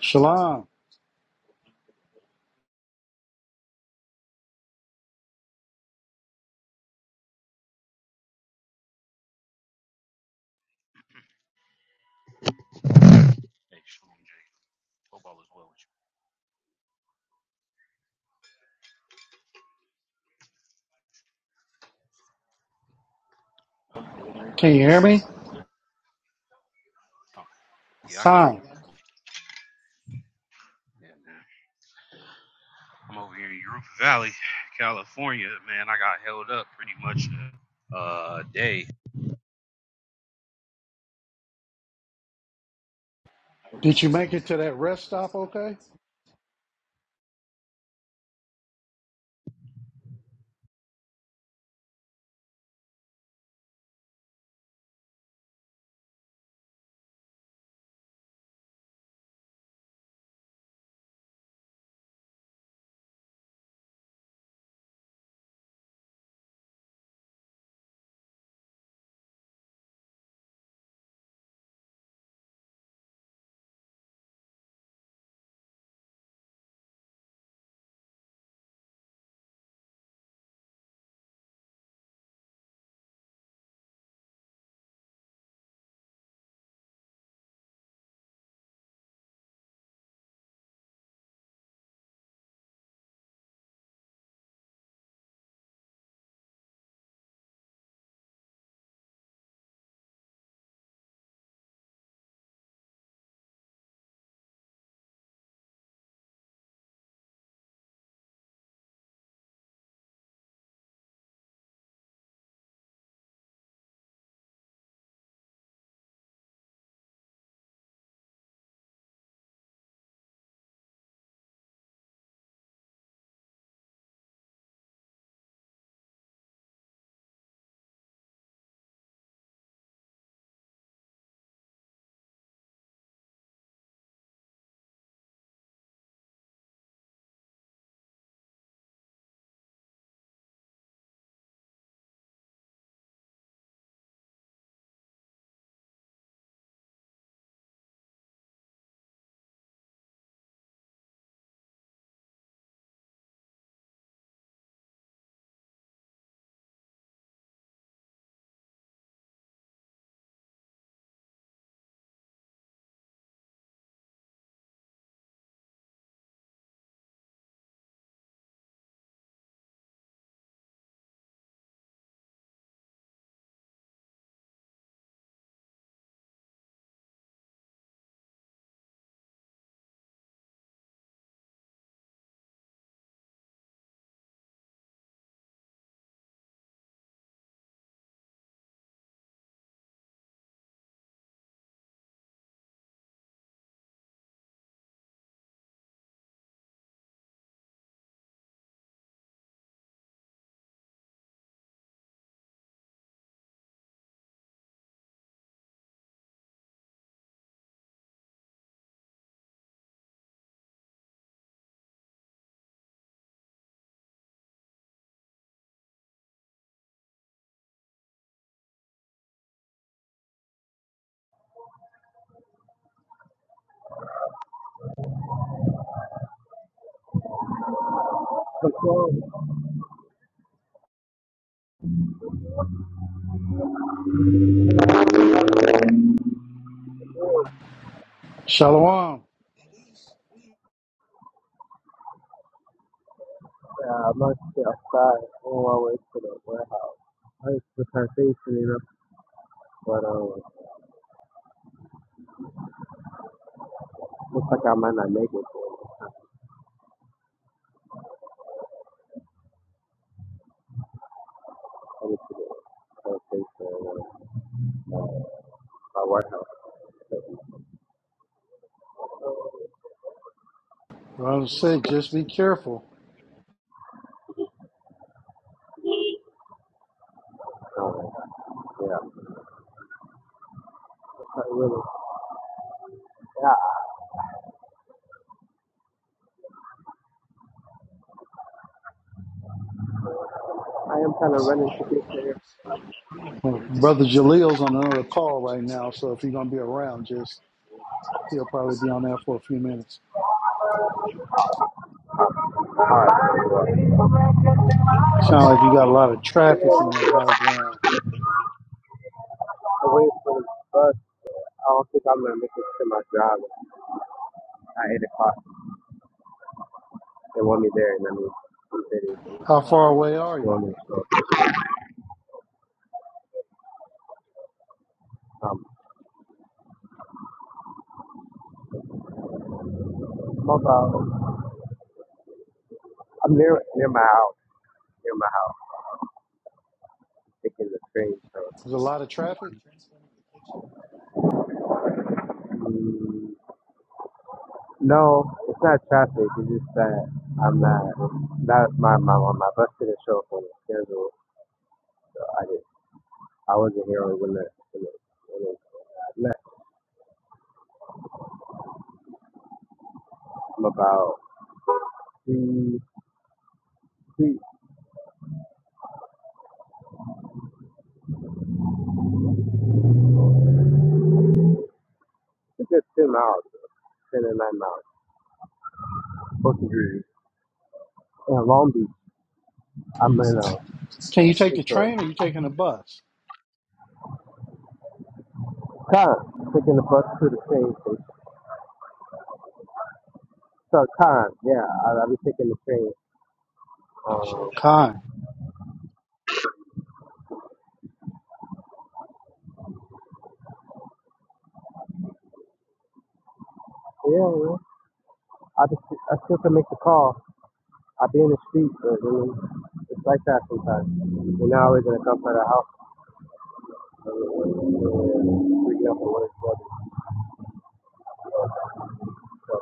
Shalom. Hey, Shalom J. Tobal as well. Uh, Can you can you hear hear me? me? Oh, yeah, I can hear Tom, you. Yeah, man. I'm over here in Europa Valley, California. Man, I got held up pretty much a uh, day. did you make it to that rest stop okay? Performed Shalom. a month outside on my way to the warehouse. I was the plantation, enough, but um, looks like I might not make it to come to the plantation, uh, warehouse. Brother Sig, just be careful. Um, yeah, I really, yeah, I am kind of running to get there. Well, Brother Jaleel's on another call right now, so if you're going to be around, just he'll probably be on there for a few minutes. All right, Sound like you got a lot of traffic in yeah, that background. away from the bus. I don't think I'm gonna make it to my job at eight o'clock. They want me there, and I mean, they How far away are you? want me to show up. Um, I'm about I'm near near my house. Near my house. I'm Taking the train. So There's a lot of traffic? mm, no, it's not traffic. It's just that I'm not. That my my my bus didn't show up on the schedule, so I didn't. I wasn't here when it when it when it I left. I'm about three three. It's a good ten miles, ten or nine miles. Supposed degrees. in Long Beach. I'm in uh, Can you take the Central. train or you taking a bus? Con taking the bus to the train station. So Con, yeah, I, I'll be taking the train. Um, Khan? Yeah, man. I just, I still can make the call. I be in the street, but I mean, it's like that sometimes. You're not always gonna come to the house. I mean, when- when we're Freaking out for what it's worth. So,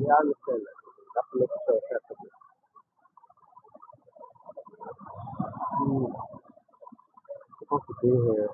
yeah, I understand that. I have make sure it's happening. Mm, I'm supposed to be here.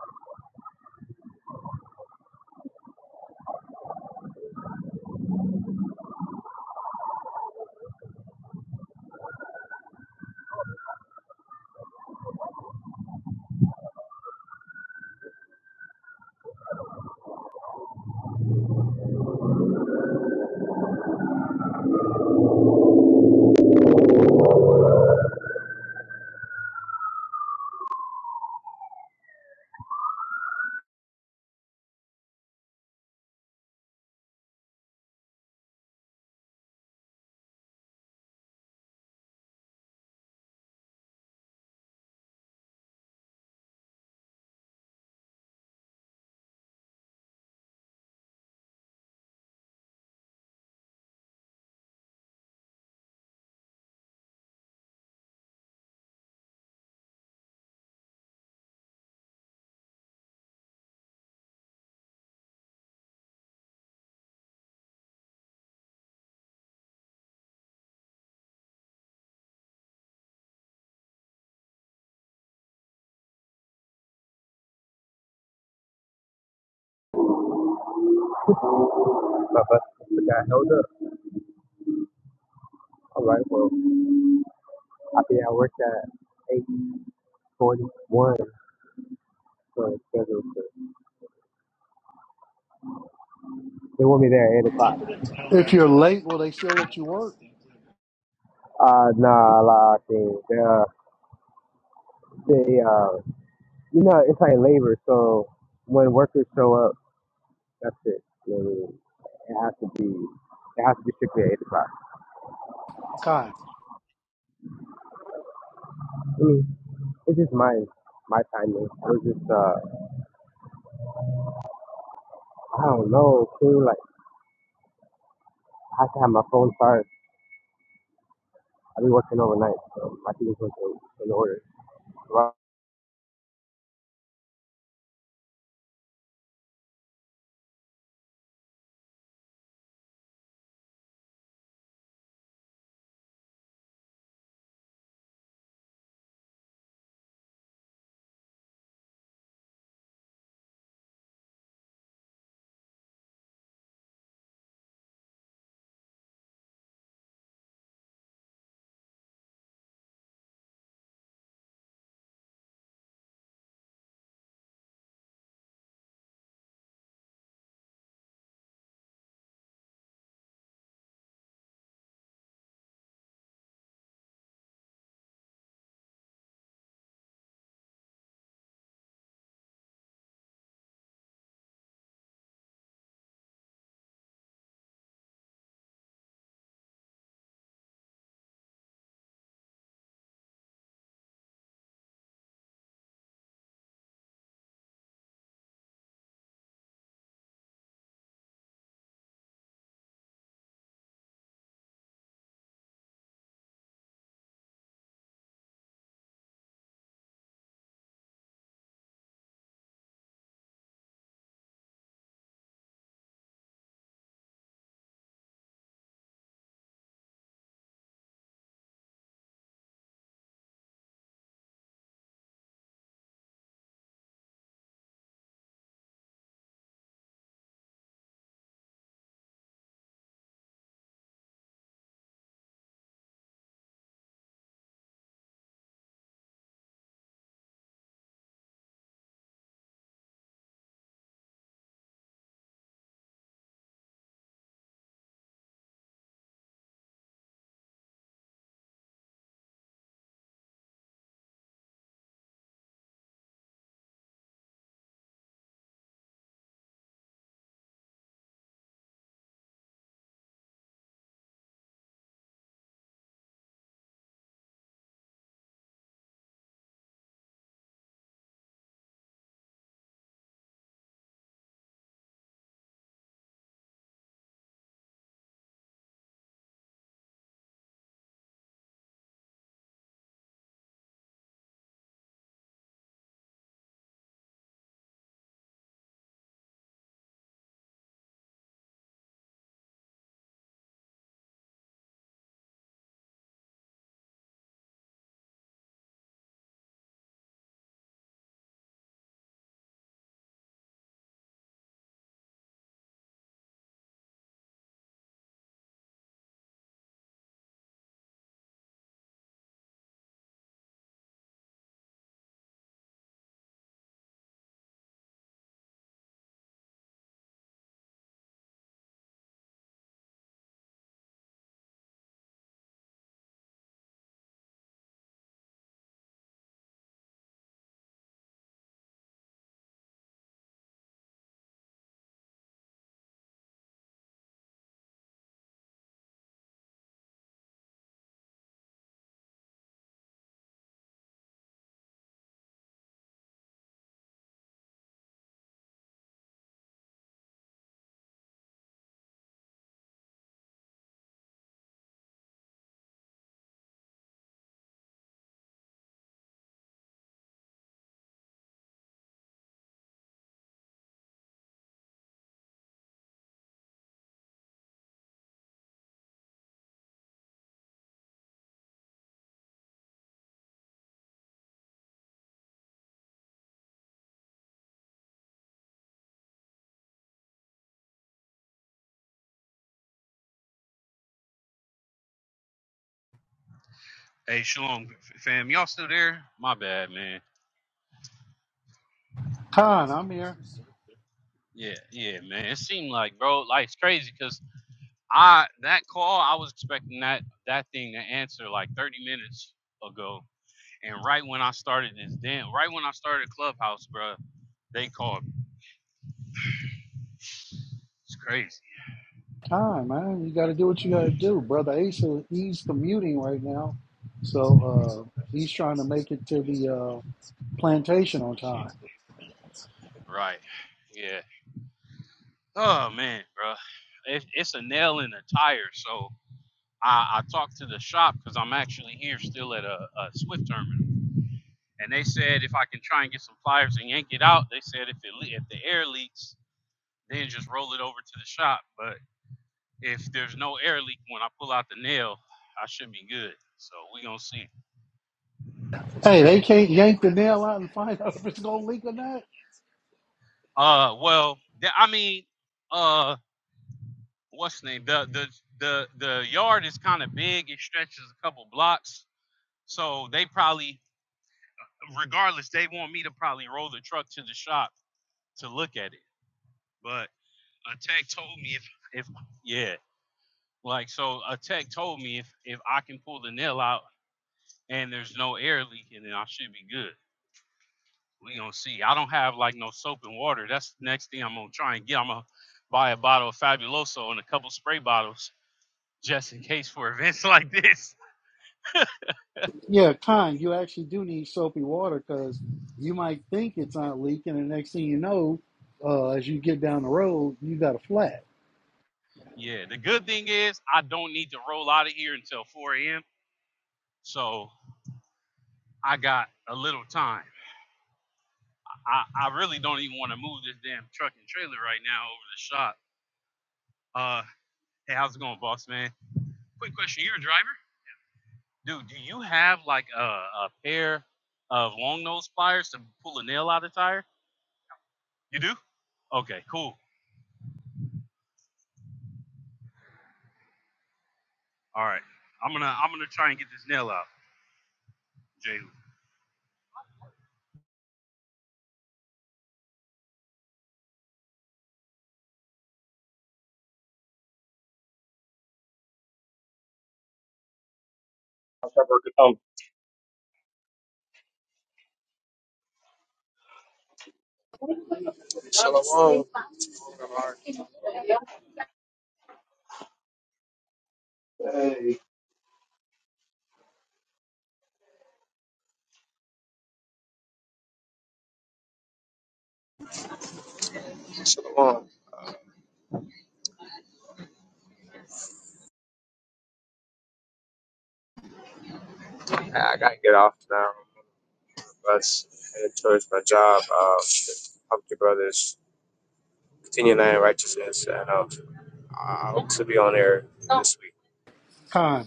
My bus just got held up. All right, well, I be at work at eight forty-one. So it's scheduled to. They want me there at eight o'clock. If you're late, will they still let you work? Uh, nah, I lied. They, uh, they, uh, You know, it's like labor. So when workers show up, that's it. I mean, it has to be. It has to be strictly at eight o'clock. Khan? I mean, it's just my my timing. I was just uh, I don't know, Too Like I have to have my phone charged. I be working overnight, so my things was in, in order. Well, Hey, Shalom, fam. Y'all still there? My bad, man. Khan, I'm here. Yeah, yeah, man. It seemed like, bro, life's crazy because I that call I was expecting that that thing to answer like 30 minutes ago, and right when I started this damn, right when I started Clubhouse, bro, they called. It's crazy. time, man. You got to do what you got to do, brother. Asa, he's commuting right now, so uh, he's trying to make it to the uh, plantation on time. Right. Yeah. Oh man, bro, it, it's a nail in the tire. So I, I talked to the shop because I'm actually here still at a, a Swift terminal, and they said if I can try and get some pliers and yank it out, they said if it le- if the air leaks, then just roll it over to the shop. But if there's no air leak when I pull out the nail, I should be good. So we gonna see. Hey, they can't yank the nail out and find out if it's gonna leak or not. Uh, well, the, I mean, uh, what's the name? The the the the yard is kind of big. It stretches a couple blocks. So they probably regardless, they want me to probably roll the truck to the shop to look at it. But a tech told me if if yeah, like so a tech told me if if I can pull the nail out and there's no air leaking, then I should be good. We gonna see. I don't have like no soap and water. That's the next thing I'm gonna try and get. I'm gonna buy a bottle of Fabuloso and a couple spray bottles just in case for events like this. Yeah, kind. You actually do need soapy water because you might think it's not leaking, and next thing you know, uh, as you get down the road, you got a flat. Yeah, the good thing is I don't need to roll out of here until 4 a.m. So I got a little time. I, I really don't even want to move this damn truck and trailer right now over the shop. Uh, hey, how's it going, boss man? Quick question, you're a driver, dude. Do you have like a, a pair of long nose pliers to pull a nail out of the tire? You do? Okay, cool. All right, I'm gonna I'm gonna try and get this nail out, Jehu. Um, Shalom. Shalom. I I gotta get off now. Let's head towards my job. Uh, help your brothers continue in righteousness, and uh, I hope to be on air. this Con,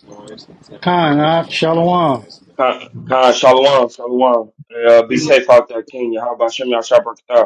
con, ah, shalom. Khan, Khan, Shalom, Shalom. Uh, be safe out there, Kenya. How about Shem Yashar Barakatam?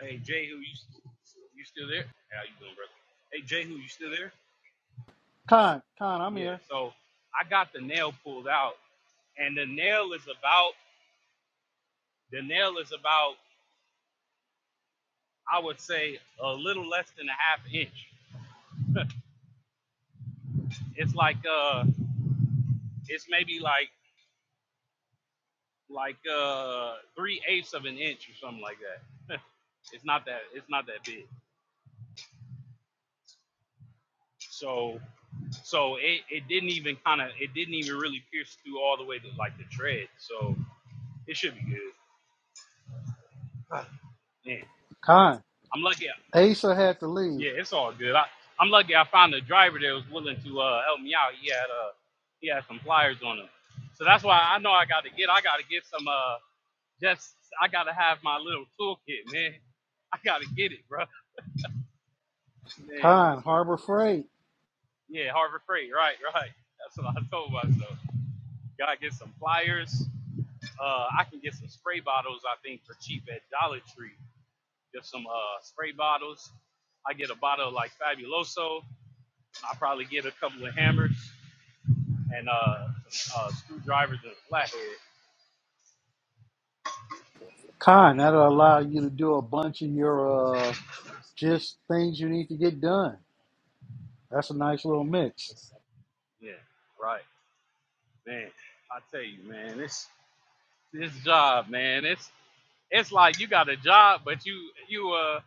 Hey, Jehu, you s- you still there? Hey, how you doing, brother? Hey, Jehu, you still there? Con, con, I'm Yeah. here. So I got the nail pulled out, and the nail is about the nail is about I would say a little less than a half inch. It's like uh, it's maybe like like uh three eighths of an inch or something like that. It's not that it's not that big. So so it, it didn't even kind of it didn't even really pierce through all the way to like the tread. So it should be good. Man, Con, I'm lucky. I, Asa had to leave. Yeah, it's all good. I, I'm lucky I found a driver that was willing to uh, help me out. He had uh he had some pliers on him, so that's why I know I got to get I got to get some uh Just I gotta have my little toolkit, man. I gotta get it, bro. Man. Con, Harbor Freight. Yeah, Harvard Freight, right, right. That's what I told myself. Gotta get some pliers. Uh I can get some spray bottles, I think, for cheap at Dollar Tree. Get some uh spray bottles. I get a bottle of like Fabuloso. I probably get a couple of hammers and uh some uh screwdrivers and a flathead. Con, that'll allow you to do a bunch of your uh, just things you need to get done. That's a nice little mix. Yeah, right. Man, I tell you, man, this this job, man, it's It's like you got a job, but you you uh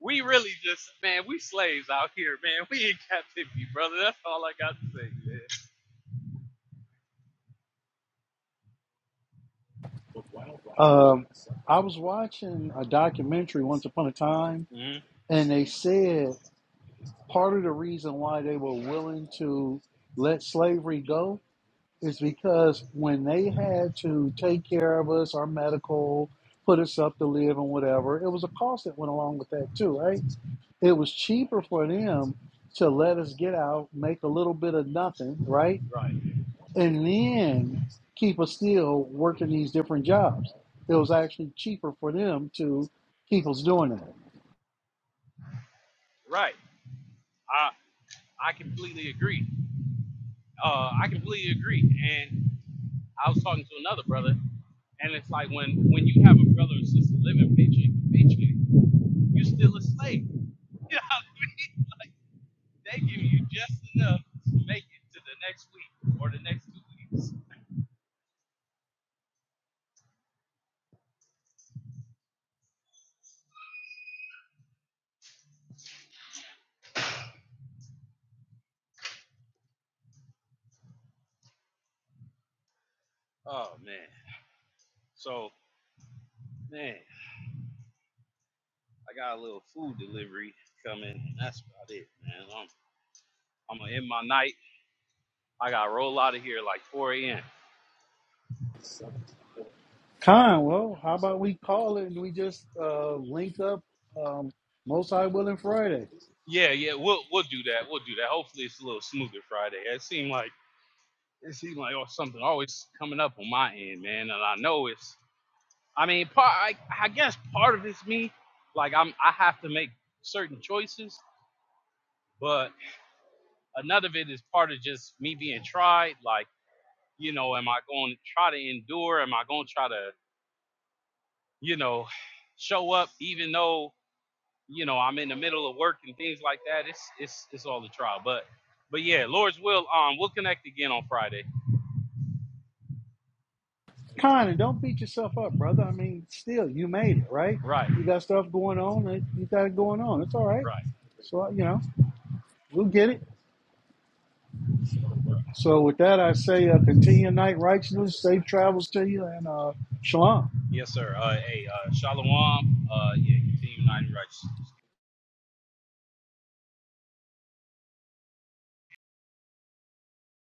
we really just man, we slaves out here, man. We in captivity, brother. That's all I got to say, Um, I was watching a documentary once upon a time, man. and they said part of the reason why they were willing to let slavery go Is because when they had to take care of us, our medical, put us up to live and whatever, it was a cost that went along with that too, right? It was cheaper for them to let us get out, make a little bit of nothing, right? hmm Right. And then keep us still working these different jobs. It was actually cheaper for them to keep us doing that. Right. I I completely agree. Uh I completely agree. And I was talking to another brother, and it's like when when you have a brother or sister living paycheck to paycheck, you're still a slave. You know what I mean? Like they give you just enough to make it to the next week or the next two weeks. Oh man. So man. I got a little food delivery coming, and that's about it, man. I'm I'm gonna end my night. I gotta roll out of here like 4 a.m. Con, well, how about we call it and we just uh, link up um, Most High Willing Friday? Yeah, yeah, we'll we'll do that. We'll do that. Hopefully, it's a little smoother Friday. It seemed like it seemed like oh something always coming up on my end, man. And I know it's. I mean, part I, I guess part of it's me. Like I'm I have to make certain choices, but another of it is part of just me being tried. Like you know, am I going to try to endure? Am I going to try to you know, show up even though, you know, I'm in the middle of work and things like that. It's it's it's all a trial. But but yeah, Lord's will, um we'll connect again on Friday. Kinda. don't beat yourself up, brother. I mean, still, you made it, right? Right, You got stuff going on. and You got it going on. It's all right. right, So, you know, we'll get it. right. So, with that, I say uh, continue your night righteousness, safe travels to you, and uh, shalom. Yes, sir. Uh hey, uh Shalom, uh yeah, continue uniting righteous.